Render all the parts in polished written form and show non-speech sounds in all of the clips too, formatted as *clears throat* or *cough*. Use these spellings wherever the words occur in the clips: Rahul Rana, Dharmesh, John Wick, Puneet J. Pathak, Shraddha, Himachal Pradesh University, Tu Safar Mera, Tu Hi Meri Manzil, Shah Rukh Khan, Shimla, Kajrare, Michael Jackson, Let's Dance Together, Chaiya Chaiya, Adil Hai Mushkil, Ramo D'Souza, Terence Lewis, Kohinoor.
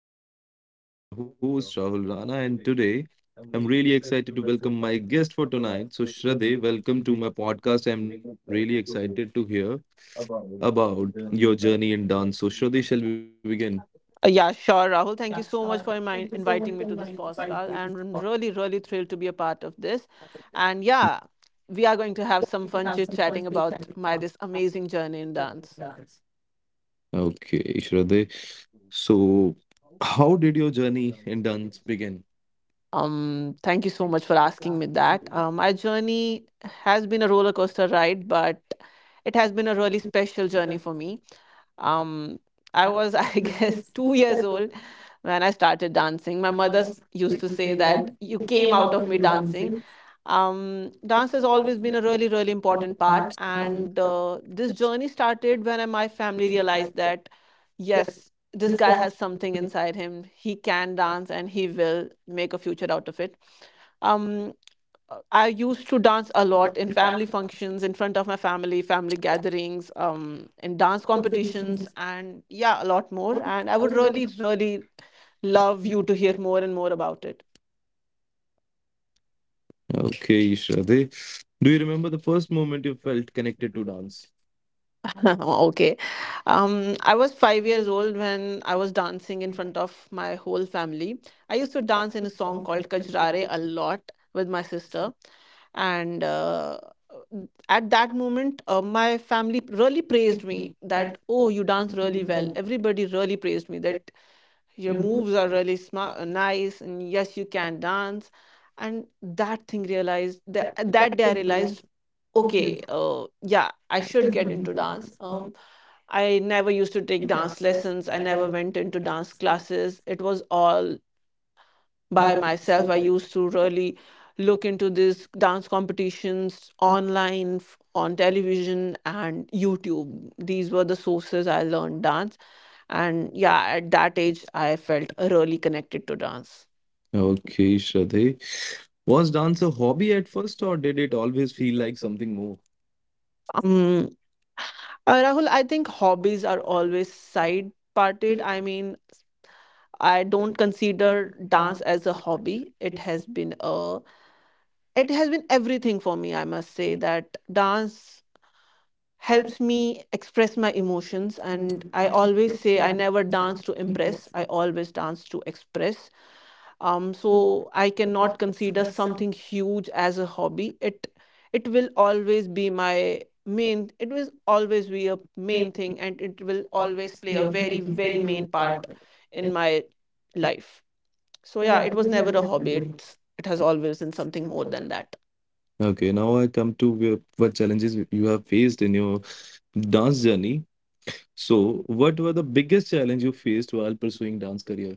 podcast. This is your host, Rahul Rana, and today I'm really excited to welcome my guest for tonight. So, Shraddhe, welcome to my podcast. I'm really excited to hear about your journey in dance. So, Shraddhe, shall we begin? Yeah, sure, Rahul. Thank you so much for inviting me to this podcast. And I'm really, really thrilled to be a part of this. And yeah, we are going to have some fun chit chatting about my this amazing journey in dance. Okay, Shraddhe. So, how did your journey in dance begin? Thank you so much for asking me that. My journey has been a roller coaster ride, but it has been a really special journey for me. Um, I was, *laughs* I guess, 2 years old when I started dancing. My mother used to say that you came out of me dancing. Dance has always been a really, really important part, and this journey started when my family realized that yes, this guy has something inside him. He can dance and he will make a future out of it. Um, I used to dance a lot in family functions, in front of my family, family gatherings, in dance competitions, and yeah, a lot more. And I would really, really love you to hear more and more about it. Okay, Shraddhe. Do you remember the first moment you felt connected to dance? *laughs* Okay. I was 5 years old when I was dancing in front of my whole family. I used to dance in a song called Kajrare a lot with my sister. And at that moment, my family really praised me that, oh, you dance really well. Everybody really praised me that your moves are really smart, nice, and yes, you can dance. And that thing realized that, that day I realized, okay, yeah, I should get into dance. I never used to take dance lessons, I never went into dance classes. It was all by myself. I used to really look into these dance competitions online, on television and YouTube. These were the sources I learned dance. And yeah, at that age I felt really connected to dance. Okay, Shraddhe. Was dance a hobby at first, or did it always feel like something more? um Rahul, I think hobbies are always side parted, I mean, I don't consider dance as a hobby. It has been everything for me. I must say that dance helps me express my emotions, and I always say I never dance to impress, I always dance to express. So I cannot consider something huge as a hobby. It will always be my main, it will always be a main thing, and it will always play a very, very main part in my life. So yeah, it was never a hobby, it has always been something more than that. Okay, now I come to what challenges you have faced in your dance journey. So, what were the biggest challenge you faced while pursuing dance career?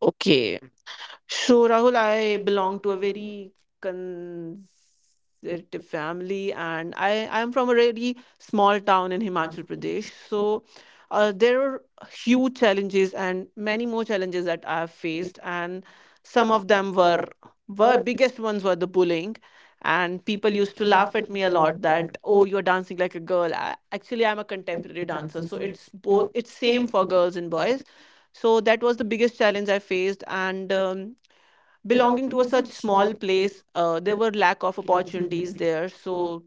Okay. So, Rahul, I belong to a very conservative family, and I'm from a really small town in Himachal Pradesh. So, there were huge challenges and many more challenges that I have faced, and some of them were biggest ones were the bullying, and people used to laugh at me a lot that, oh, you're dancing like a girl. Actually, I'm a contemporary dancer, so it's same for girls and boys. So that was the biggest challenge I faced, and belonging to a such small place, there were lack of opportunities there. So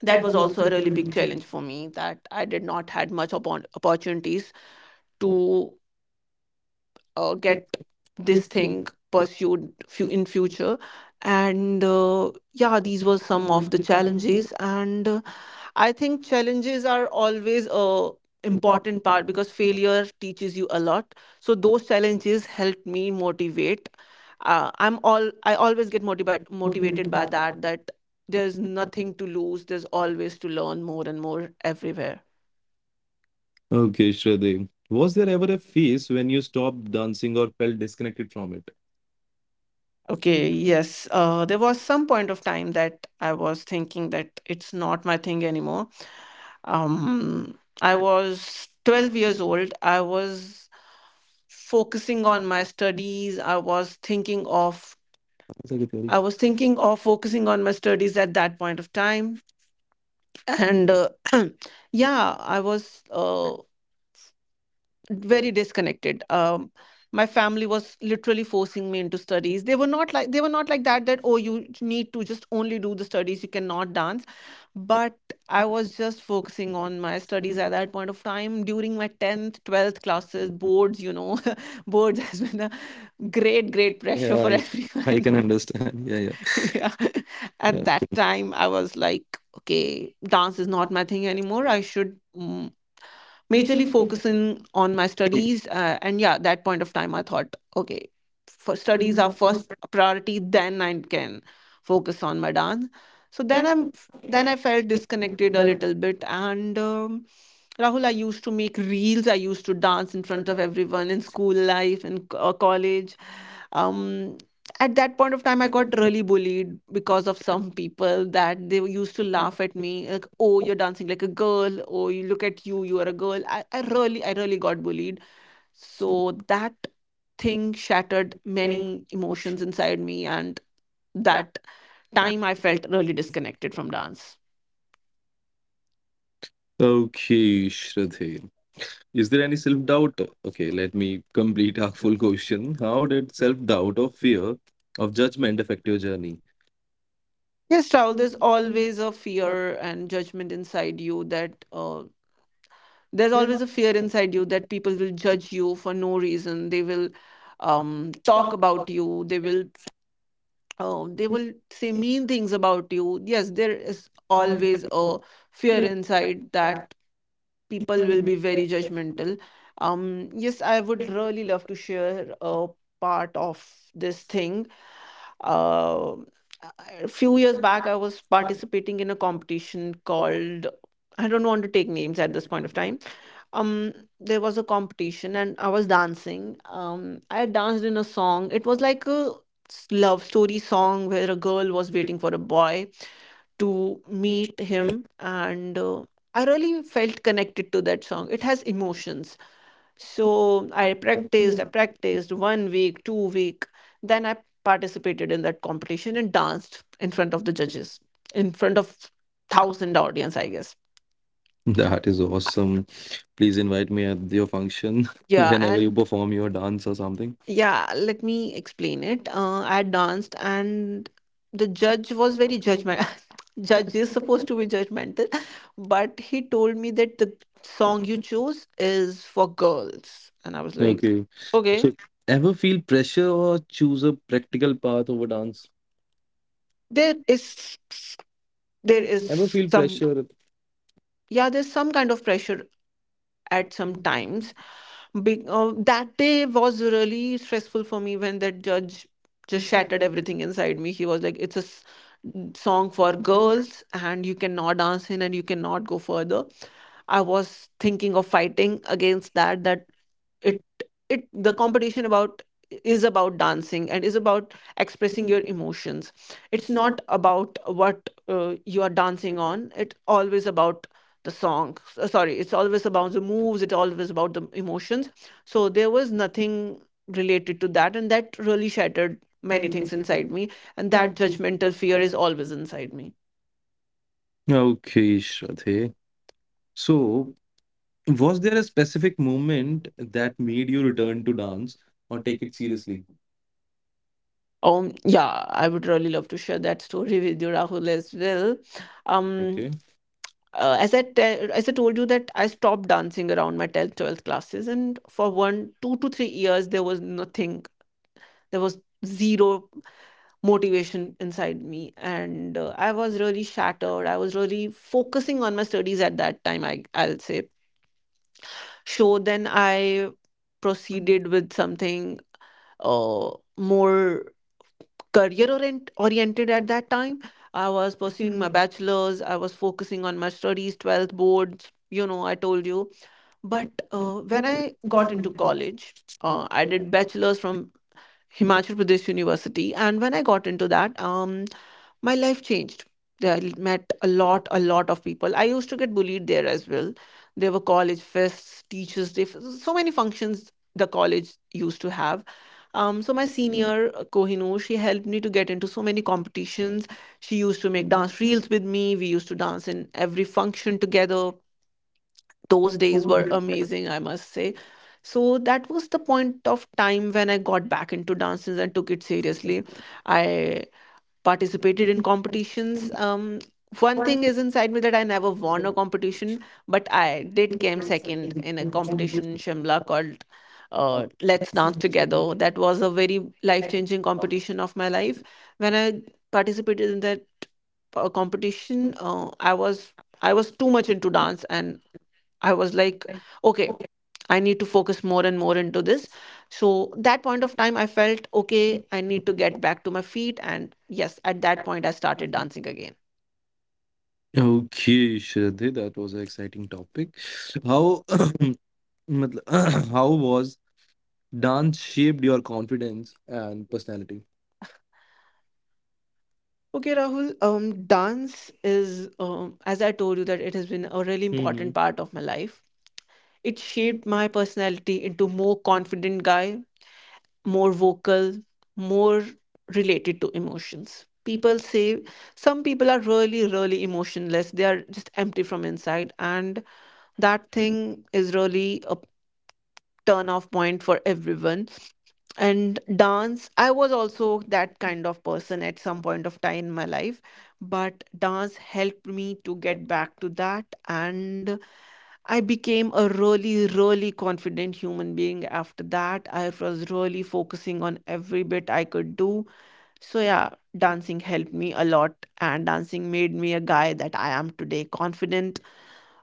that was also a really big challenge for me, that I did not had much upon opportunities to get this thing pursued in future. And yeah, these were some of the challenges. And I think challenges are always a important part because failure teaches you a lot. So those challenges help me motivate. I always get motivated by that there's nothing to lose. There's always to learn more and more everywhere. Okay, Shradev. Was there ever a phase when you stopped dancing or felt disconnected from it? Okay, yes. There was some point of time that I was thinking that it's not my thing anymore. I was 12 years old. I was focusing on my studies. That's a good theory. I was thinking of focusing on my studies at that point of time, and *clears throat* yeah, I was very disconnected. My family was literally forcing me into studies. They were not like that. That, oh, you need to just only do the studies. You cannot dance, but I was just focusing on my studies at that point of time during my 10th, 12th classes boards. *laughs* Boards has been a great pressure Yeah, for I everyone. can understand. *laughs* Yeah, *laughs* Yeah, yeah. at that time I was like, okay, dance is not my thing anymore, I should majorly focusing on my studies. And yeah, that point of time, I thought, okay, for studies are first priority, then I can focus on my dance. So then I felt disconnected a little bit, and Rahul, I used to make reels. I used to dance in front of everyone in school life and college. um at that point of time I got really bullied because of some people, that they used to laugh at me like, oh, you're dancing like a girl, oh, you look at you, you are a girl. I really got bullied. So that thing shattered many emotions inside me, and that time I felt really disconnected from dance. Okay, Shradev. Is there any self doubt? Okay, let me complete our full question. How did self doubt or fear of judgment affect your journey? Yes, Raul, there's always a fear and judgment inside you that, there's always a fear inside you that people will judge you for no reason. They will talk about you, they will say mean things about you. Yes, there is always a fear inside that people will be very judgmental. Yes, I would really love to share a part of this thing. uh, a few years back I was participating in a competition called, I don't want to take names at this point of time. um there was a competition and I was dancing. I danced in a song, it was like a love story song where a girl was waiting for a boy to meet him. And I really felt connected to that song, it has emotions. So I practiced 1 week, 2 week, then I participated in that competition and danced in front of the judges, in front of 1,000 audience I guess. *laughs* That is awesome. Please invite me at your function *laughs* Yeah, whenever you and perform your dance or something. yeah, let me explain it. I danced, and the judge was very judgmental. *laughs* Judge is supposed to be judgmental, *laughs* but he told me that the song you chose is for girls, and I was like, Okay. So, okay. ever feel pressure or choose a practical path over dance? there is there Ever is feel some, pressure? yeah, there's some kind of pressure at some times. Big, that day was really stressful for me when that judge just shattered everything inside me. He was like, it's a song for girls, and you cannot dance in, and you cannot go further. I was thinking of fighting against that, that it it the competition about is about dancing and is about expressing your emotions. It's not about what you are dancing on, it's always about the sorry, it's always about the moves, it's always about the emotions. So there was nothing related to that, and that really shattered many things inside me, and that judgmental fear is always inside me. Okay, Shradhe. So, was there a specific moment that made you return to dance or take it seriously? Yeah, I would really love to share that story with you, Rahul, as well. um Okay. As I told you, that I stopped dancing around my 10th, 12th classes, and for one, 2 to 3 years there was nothing. There was zero motivation inside me, and I was really shattered. I was really focusing on my studies at that time, I'll say. So then I proceeded with something uh, more career oriented at that time. I was pursuing my bachelor's. I was focusing on my studies, 12th boards. You know, I told you. But when I got into college, I did bachelor's from Himachal Pradesh University, and when I got into that, my life changed. I met a lot of people. I used to get bullied there as well. There were college fests, teachers' day, so many functions the college used to have. So my senior, Kohinoor, she helped me to get into so many competitions. She used to make dance reels with me. We used to dance in every function together. Those days were amazing, I must say. So that was the point of time when I got back into dances and took it seriously. I participated in competitions. One thing is inside me that I never won a competition, but I did came second in a competition in Shimla called Let's Dance Together. That was a very life changing competition of my life. When I participated in that competition, I was too much into dance, and I was like, okay, I need to focus more and more into this. So that point of time, I felt okay, I need to get back to my feet. And yes, at that point, I started dancing again. Okay, Shraddhi, that was an exciting topic. How, *clears throat* मतलब, *clears throat* how was dance shaped your confidence and personality? Okay, Rahul, dance is, as I told you, that it has been a really Hmm. important part of my life. It shaped my personality into more confident guy, more vocal, more related to emotions. People say some people are really, really emotionless. They are just empty from inside. And that thing is really a turn off point for everyone. And dance, I was also that kind of person at some point of time in my life, but dance helped me to get back to that. And I became a really, really confident human being after that. I was really focusing on every bit I could do. So yeah, dancing helped me a lot, and dancing made me a guy that I am today. Confident,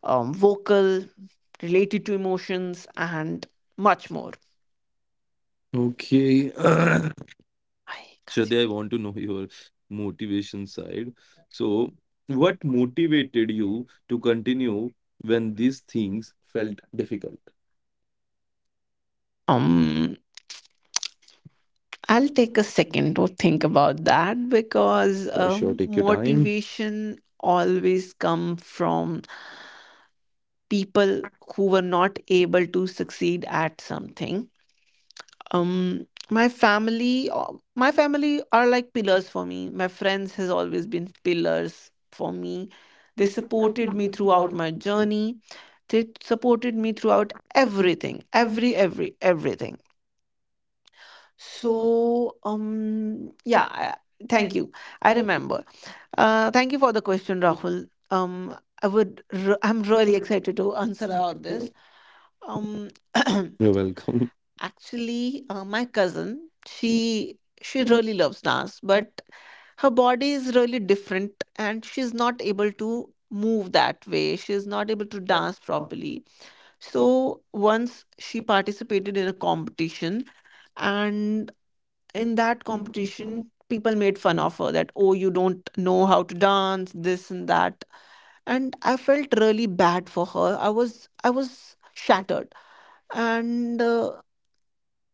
vocal, related to emotions, and much more. Okay, *clears throat* I can't see. Shraddhi, I want to know your motivation side. So, what motivated you to continue when these things felt difficult? Um, I'll take a second to think about that because Oh, sure, take your time. motivation always come from people who were not able to succeed at something. My family, my family are like pillars for me. My friends has always been pillars for me. They supported me throughout my journey. They supported me throughout everything, every everything. So yeah, I, thank you. I remember, thank you for the question, Rahul. I'm really excited to answer about this. um *clears throat* You're welcome. Actually, my cousin, she really loves dance, but her body is really different and she's not able to move that way. She's not able to dance properly. So once she participated in a competition, and in that competition, people made fun of her that, oh, you don't know how to dance, this and that. And I felt really bad for her. I was shattered. And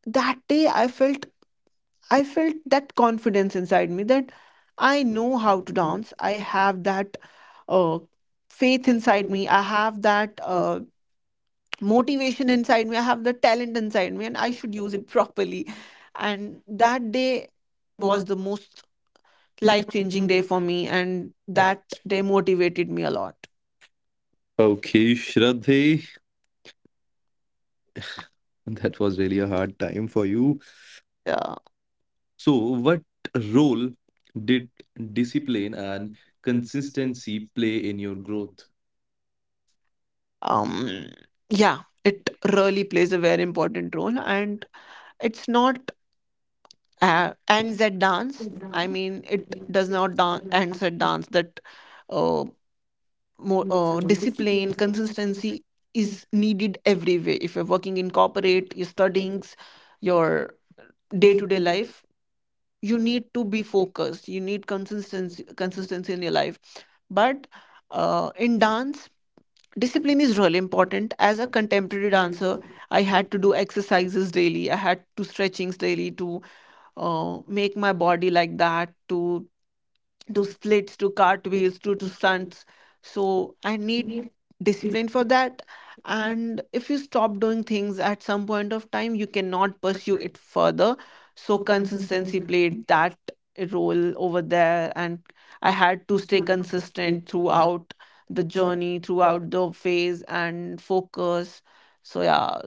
that day I felt, I felt that confidence inside me that I know how to dance. I have that uh, faith inside me. I have that motivation inside me. I have the talent inside me, and I should use it *laughs* properly. And that day was the most life changing day for me, and that day motivated me a lot. Okay, Shraddhi, *laughs* that was really a hard time for you. Yeah. So, what role did discipline and consistency play in your growth? Um, yeah, it really plays a very important role, and it's not ends at dance. I mean, it does not ends at dance. That uh, more discipline, consistency is needed everywhere. If you're working in corporate, your studyings, your day to day life, you need to be focused. You need consistency, consistency in your life. But in dance, discipline is really important. As a contemporary dancer, I had to do exercises daily. I had to stretchings daily to make my body like that, to do splits, to cartwheels, to do stunts. So I need discipline for that. And if you stop doing things at some point of time, you cannot pursue it further. So consistency played that role over there. And I had to stay consistent throughout the journey, throughout the phase, and focus. So yeah,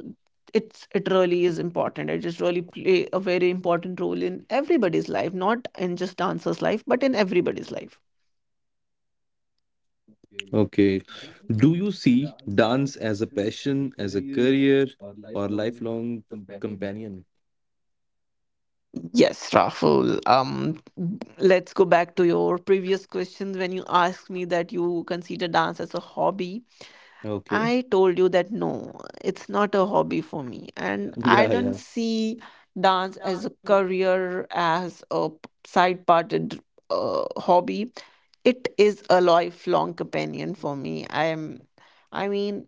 it really is important. It just really play a very important role in everybody's life, not in just dancers life, but in everybody's life. Okay. Do you see dance as a passion, as a career, or lifelong companion? Yes, Rahul, let's go back to your previous questions when you asked me that you consider dance as a hobby. Okay. *laughs* I told you that no, it's not a hobby for me, and Yeah, I yeah. don't see dance as a career, as a side-parted hobby. It is a lifelong companion for me. I'm, I mean,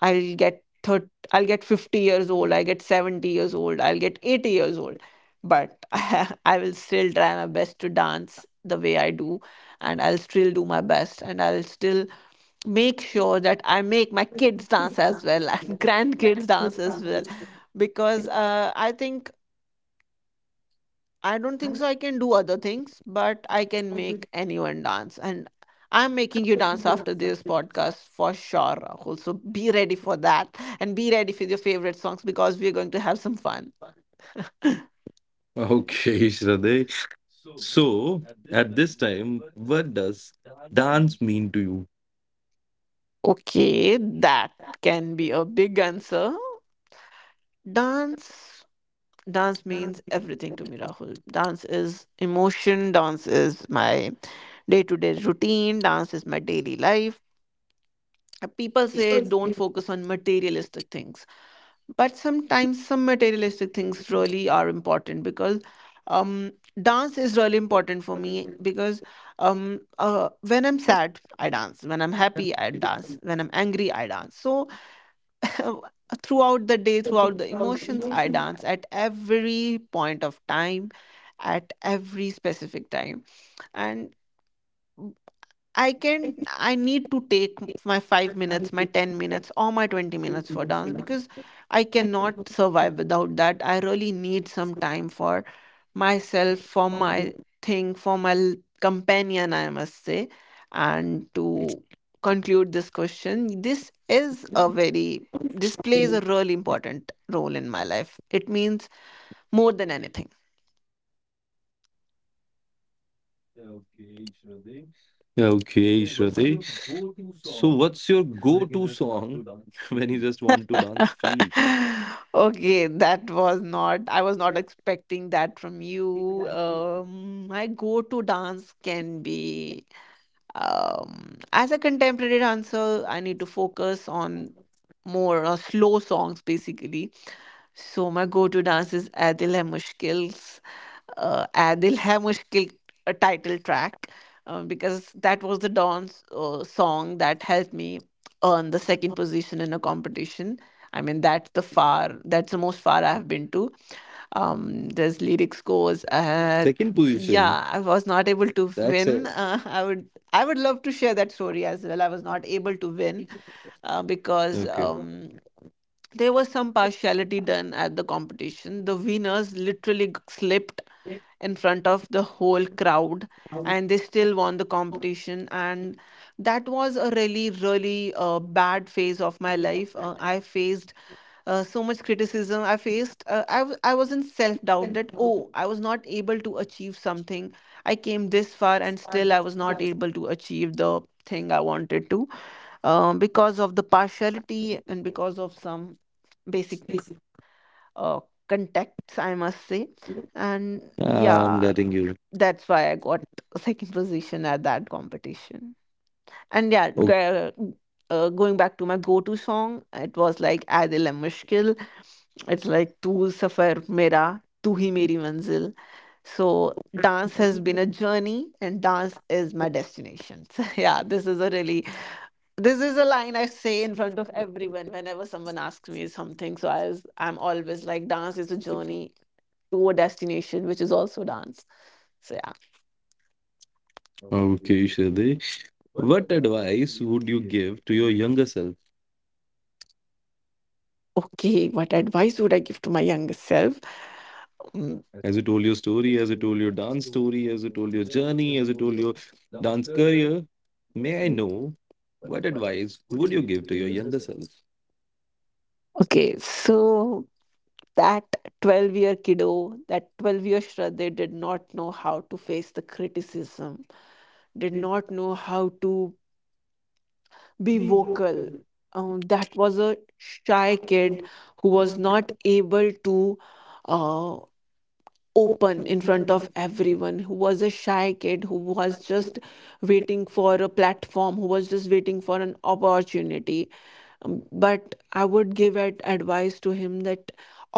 I'll get 50 years old, I get 70 years old, I'll get 80 years old. But *laughs* I will still try my best to dance the way I do, and I'll still do my best, and I'll still make sure that I make my kids dance as well and *laughs* grandkids dance as well. Because I think, I don't think so I can do other things, but I can make anyone dance. And I'm making you dance after this podcast for sure, Rahul. So be ready for that and be ready for your favorite songs because we're going to have some fun. *laughs* Okay, *laughs* Shraddha. So, at this time, what does dance mean to you? Okay, that can be a big answer. Dance. Dance means everything to me, Rahul. Dance is emotion. Dance is my day to day routine. Dance is my daily life. People say don't focus on materialistic things, but sometimes some materialistic things really are important because um dance is really important for me because when I'm sad I dance, when I'm happy I dance, when I'm angry I dance. So *laughs* throughout the day, throughout the emotions, I dance at every point of time, at every specific time. And I can, I need to take my 5 minutes, my 10 minutes or my 20 minutes for dance because I cannot survive without that. I really need some time for myself, for my thing, for my companion, I must say. And to conclude this question, this plays a really important role in my life. It means more than anything. Okay, Shraddha. So, what's your go-to song *laughs* when you just want to dance freely? *laughs* Okay, that was not, I was not expecting that from you. My go-to dance can be, as a contemporary dancer, I need to focus on more slow songs basically. So my go-to dance is Adil Hai Mushkil, Adil Hai Mushkil title track, because that was the Don's song that helped me earn the second position in a competition. I mean, that's the far, that's the most far I've been to. There's lyrics goes. Second position. Yeah, I was not able That's to a. win. *laughs* I would love to share that story as well. I was not able to win Okay, because there was some partiality done at the competition. The winners literally slipped in front of the whole crowd and they still won the competition. And that was a really, really bad phase of my life. I faced so much criticism. I faced I was in self-doubt that, oh, I was not able to achieve something. I came this far and still I was not able to achieve the thing I wanted to, because of the partiality and because of some basic uh, contexts, I must say. And I'm getting yeah, you. that's why I got second position at that competition. And O-. yeah, going back to my go-to song, it was like Adil Hai Mushkil. It's like Tu Safar Mera, Tu Hi Meri Manzil. So dance has been a journey, and dance is my destination. *laughs* So yeah, this is a line I say in front of everyone whenever someone asks me something. So I was, I'm always like, dance is a journey to a destination, which is also dance. So yeah. Okay, Shade. What advice would you give to your younger self? Okay, what advice would I give to my younger self? Mm, As you told your story, as you told your dance story, as you told your journey, as you told your dance career, may I know what advice would you give to your younger self? okay, so that 12-year kiddo, that 12-year Shraddha did not know how to face the criticism, did not know how to be vocal. That was a shy kid who was not able to, uh, open in front of everyone, who was a shy kid who was just waiting for a platform, who was just waiting for an opportunity. Um, but I would give it advice to him that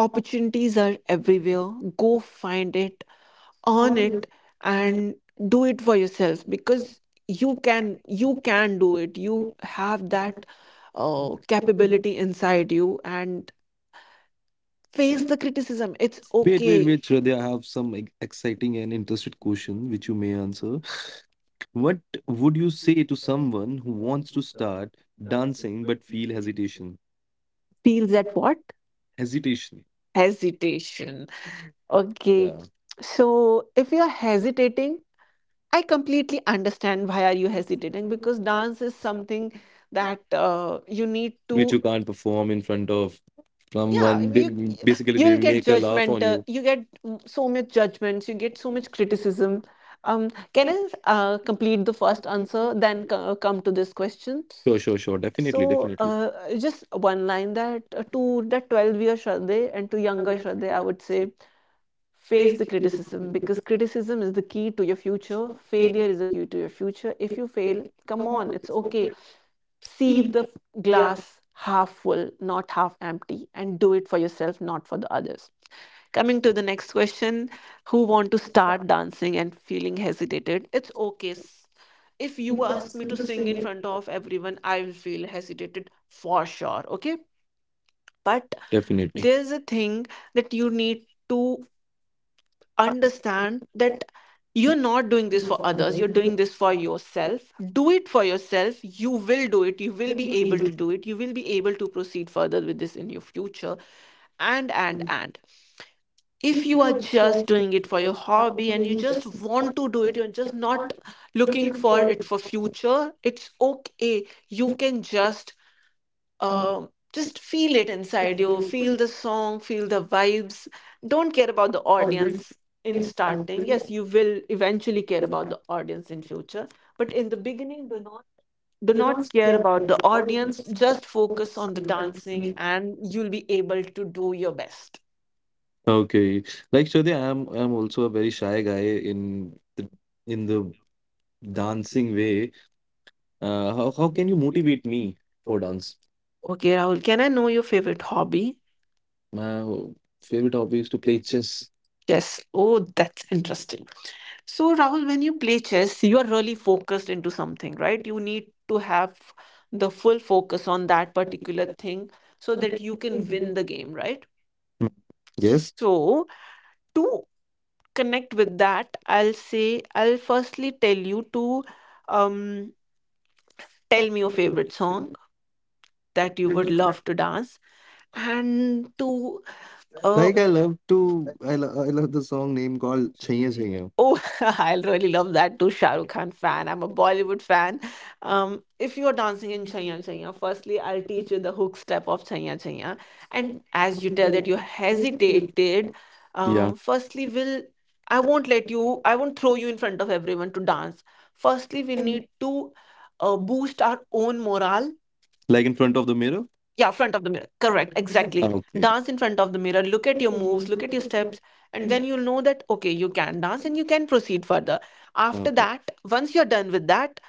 opportunities are everywhere. Go find it, earn it, and do it for yourself because you can, you can do it. You have that capability inside you. And face the criticism, it's Wait, wait, okay. wait, Shraddha, I have some exciting and interested question which you may answer. What would you say to someone who wants to start dancing but feel hesitation? Feels that what? Hesitation. Hesitation. Okay. Yeah. So if you're hesitating, I completely understand why are you hesitating, because dance is something that you need Which you to, can't perform in front of yeah, someone. They, you, basically, you'll they get make a laugh on judgmental. you. You get, mm, so much judgments, you get so much criticism. Can I, complete the first answer then come to this question. Sure, sure, sure. Definitely, So definitely, just one line that, to the 12-year Shraddha and to younger Shraddha I would say, face the criticism, because criticism is the key to your future. Failure is the key to your future. If you fail, come on, it's okay. See the glass half full, not half empty, and do it for yourself, not for the others. Coming to the next question, who want to start dancing and feeling hesitated, it's okay. If you ask me to sing in front of everyone, I will feel hesitated for sure, okay? But definitely. there's a thing that you need to understand, that you're not doing this for others, you're doing this for yourself. Do it for yourself. You will do it. You will be able to do it. You will be able to proceed further with this in your future. And if you are just doing it for your hobby, and you just want to do it, you're just not looking for it for future, it's okay. You can just feel it inside you, feel the song, feel the vibes. Don't care about the audience. In starting, yes, you will eventually care about the audience in future. But in The beginning, do not care about the audience. Just focus on the dancing and you'll be able to do your best. Okay, like Shode, I'm also a very shy guy in the in the dancing way. How can you motivate me for dance? Okay, Rahul, can I know your favorite hobby? My favorite hobby is to play chess. Yes, oh, that's interesting. So, Rahul, when you play chess, you are really focused into something, right? You need to have the full focus on that particular thing so that you can win the game, right? Yes. So, to connect with that, I'll say, I'll firstly tell you to um, tell me your favorite song that you would love to dance and to Like I uh, love to I love the song name called Chaiya Chaiya. oh, *laughs* I'll really love that too, Shah Rukh Khan fan. I'm a Bollywood fan. If you're dancing in Chaiya Chaiya, firstly, I'll teach you the hook step of Chaiya Chaiya. And as you tell that you hesitated, Yeah, firstly, will I won't let you, I won't throw you in front of everyone to dance. Firstly, we need to boost our own morale. like in front of the mirror. Yeah, front of the mirror. Correct, Ah, exactly. okay, Dance in front of the mirror, look at your moves, look at your steps, and then you'll know that, okay, you can dance and you can proceed further. After okay. that, once you're done with that,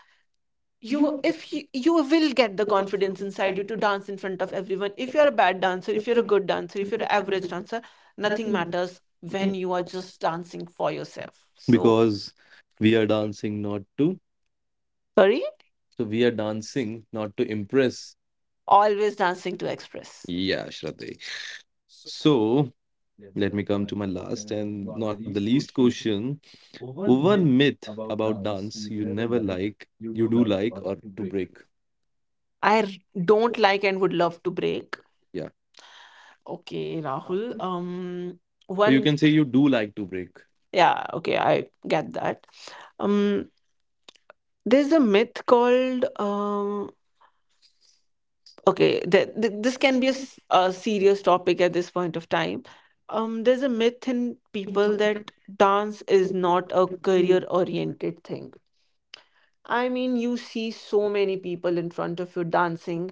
you if you, you will get the confidence inside you to dance in front of everyone. If you're a bad dancer, if you're a good dancer, if you're an average dancer, nothing matters when you are just dancing for yourself. So, Because we are dancing not to. sorry, So we are dancing not to impress. always dancing to express. Yeah, Shraddhi. So let me come to my last and not the least question. One myth about dance you never like, you do like, or to break. I don't like and would love to break. Yeah. Okay, Rahul. Or you One, can say you do like to break. yeah, okay, I get that. Um, there's a myth called, okay, th th this can be a serious topic at this point of time. There's a myth in people that dance is not a career-oriented thing. I mean, you see so many people in front of you dancing.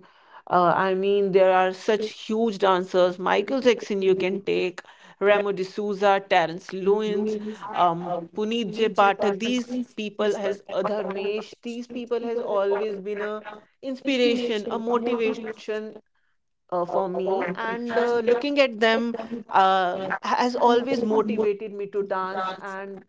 I mean, there are such huge dancers. Michael Jackson, you can take Ramo D'Souza, Terence Lewis, Puneet J. Pathak. These people has Dharmesh. These people has always been a inspiration, a motivation for me. And looking at them has always motivated me to dance. And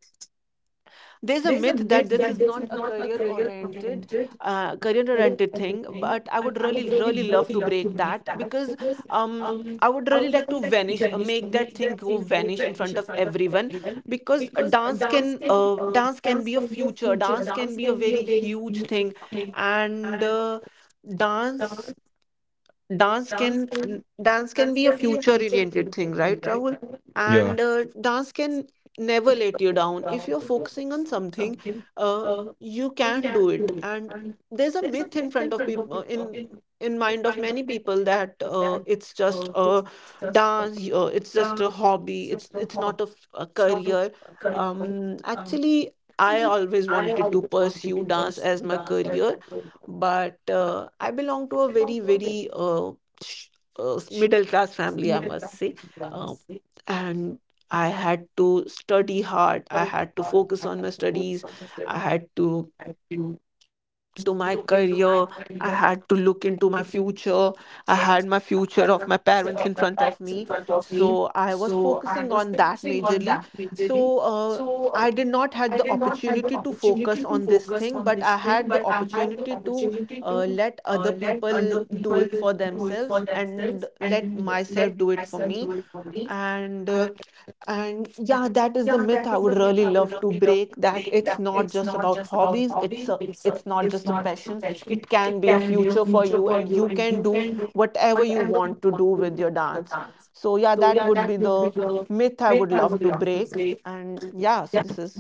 there's a myth that this is not a career oriented thing, but I would really really love to break that because um I would really like to vanish, make that thing go vanish in front of everyone, because dance can be a future, dance can be a very huge thing. And dance dance can dance can be a future oriented thing, right, Rahul? And dance can never let you down. If you're focusing on something, uh, you can do it. And there's a myth in front of people, in mind of many people that it's just a dance, it's just a hobby, it's not a career. Actually, I always wanted to pursue dance as my career, but I belong to a very, very sh- middle class family, I must say. Uh, and I had to study hard, I had to focus on my studies, I had to look into my career. I had to look into my future. I had my future of my parents in front of me. So I was focusing on that majorly. So I did not had the opportunity to focus on this thing, but I had the opportunity to let other people do it for themselves and let myself do it for me. And and yeah, that is the myth I would really love to break. That it's not just about hobbies, it's a, it's not just a passion, it can be a future for you and you can do whatever you want to do with your dance. So yeah, that would be the myth I would love to break. And yeah, so this is.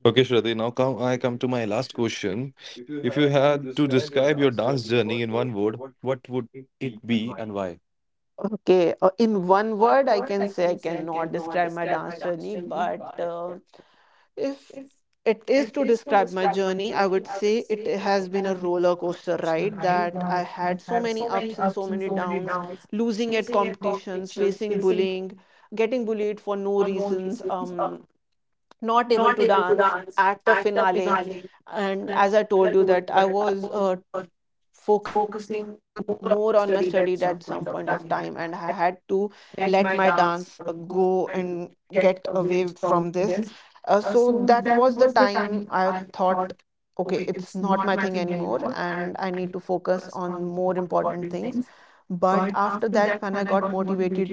Okay, Shraddhi. Now come I come to my last question. If you had to describe your dance journey in one word, what would it be and why? Okay, in one word, I can say I cannot describe my dance journey, but if it is to describe my journey, I would say it has been a roller coaster ride, that I had so many ups and so many downs, losing at competitions, facing bullying, getting bullied for no reasons, not able to dance at the finale. And as I told you that I was focusing more on my studies at some point of time, and I had to let my dance go and get away from this. So that was the time I thought, okay, it's not my thing anymore and I need to focus on more important things. But after that, when I got motivated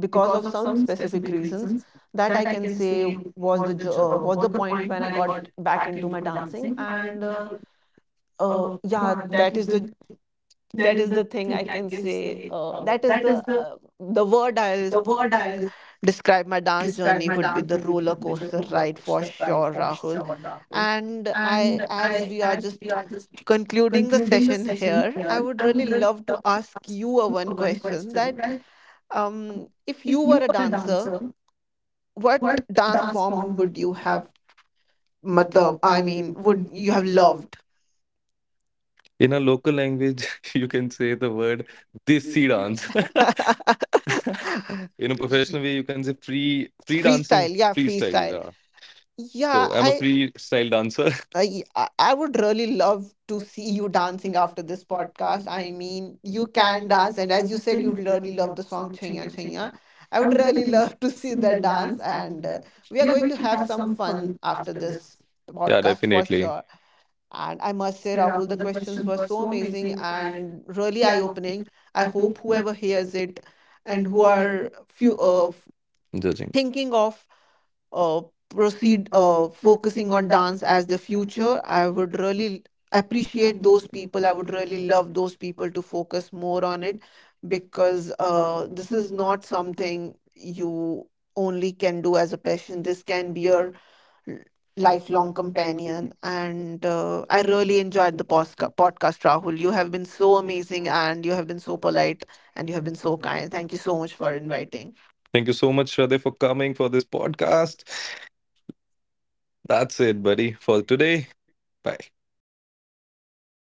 because of some specific reasons, that I can say was the was the point when I got back into my dancing. And yeah, that is the, that is the thing I can say. That is the word I'll describe my dance journey would be the roller coaster ride for sure, Rahul. And I, as we are just concluding the session here, I would really love to ask you a one question that if you were a dancer, what dance form would you have? Matlab, I mean, would you have loved? In a local language, *laughs* you can say the word desi dance. *laughs* In a professional way you can say free Freestyle, dancing, yeah, freestyle. freestyle. Yeah. Yeah, So I'm a I freestyle dancer. *laughs* I I I would really love to see you dancing after this podcast. I mean, you can dance, and as you said, you really love the song Chhaiya Chhaiya. I would really *laughs* love to see that dance, and we are going to have some fun after this Yeah, podcast for definitely. sure. And I must say, Rahul, the questions were so amazing and really eye-opening. I hope whoever hears it and who are few of Judging. thinking of uh, proceed focusing on dance as the future, I would really appreciate those people, I would really love those people to focus more on it. Because this is not something you only can do as a passion, this can be your l- lifelong companion. And I really enjoyed the podcast, Rahul. You have been so amazing and you have been so polite and you have been so kind. Thank you so much for inviting. Thank you so much, Shraddha, for coming for this podcast. That's it, buddy, for today. Bye. Yeah.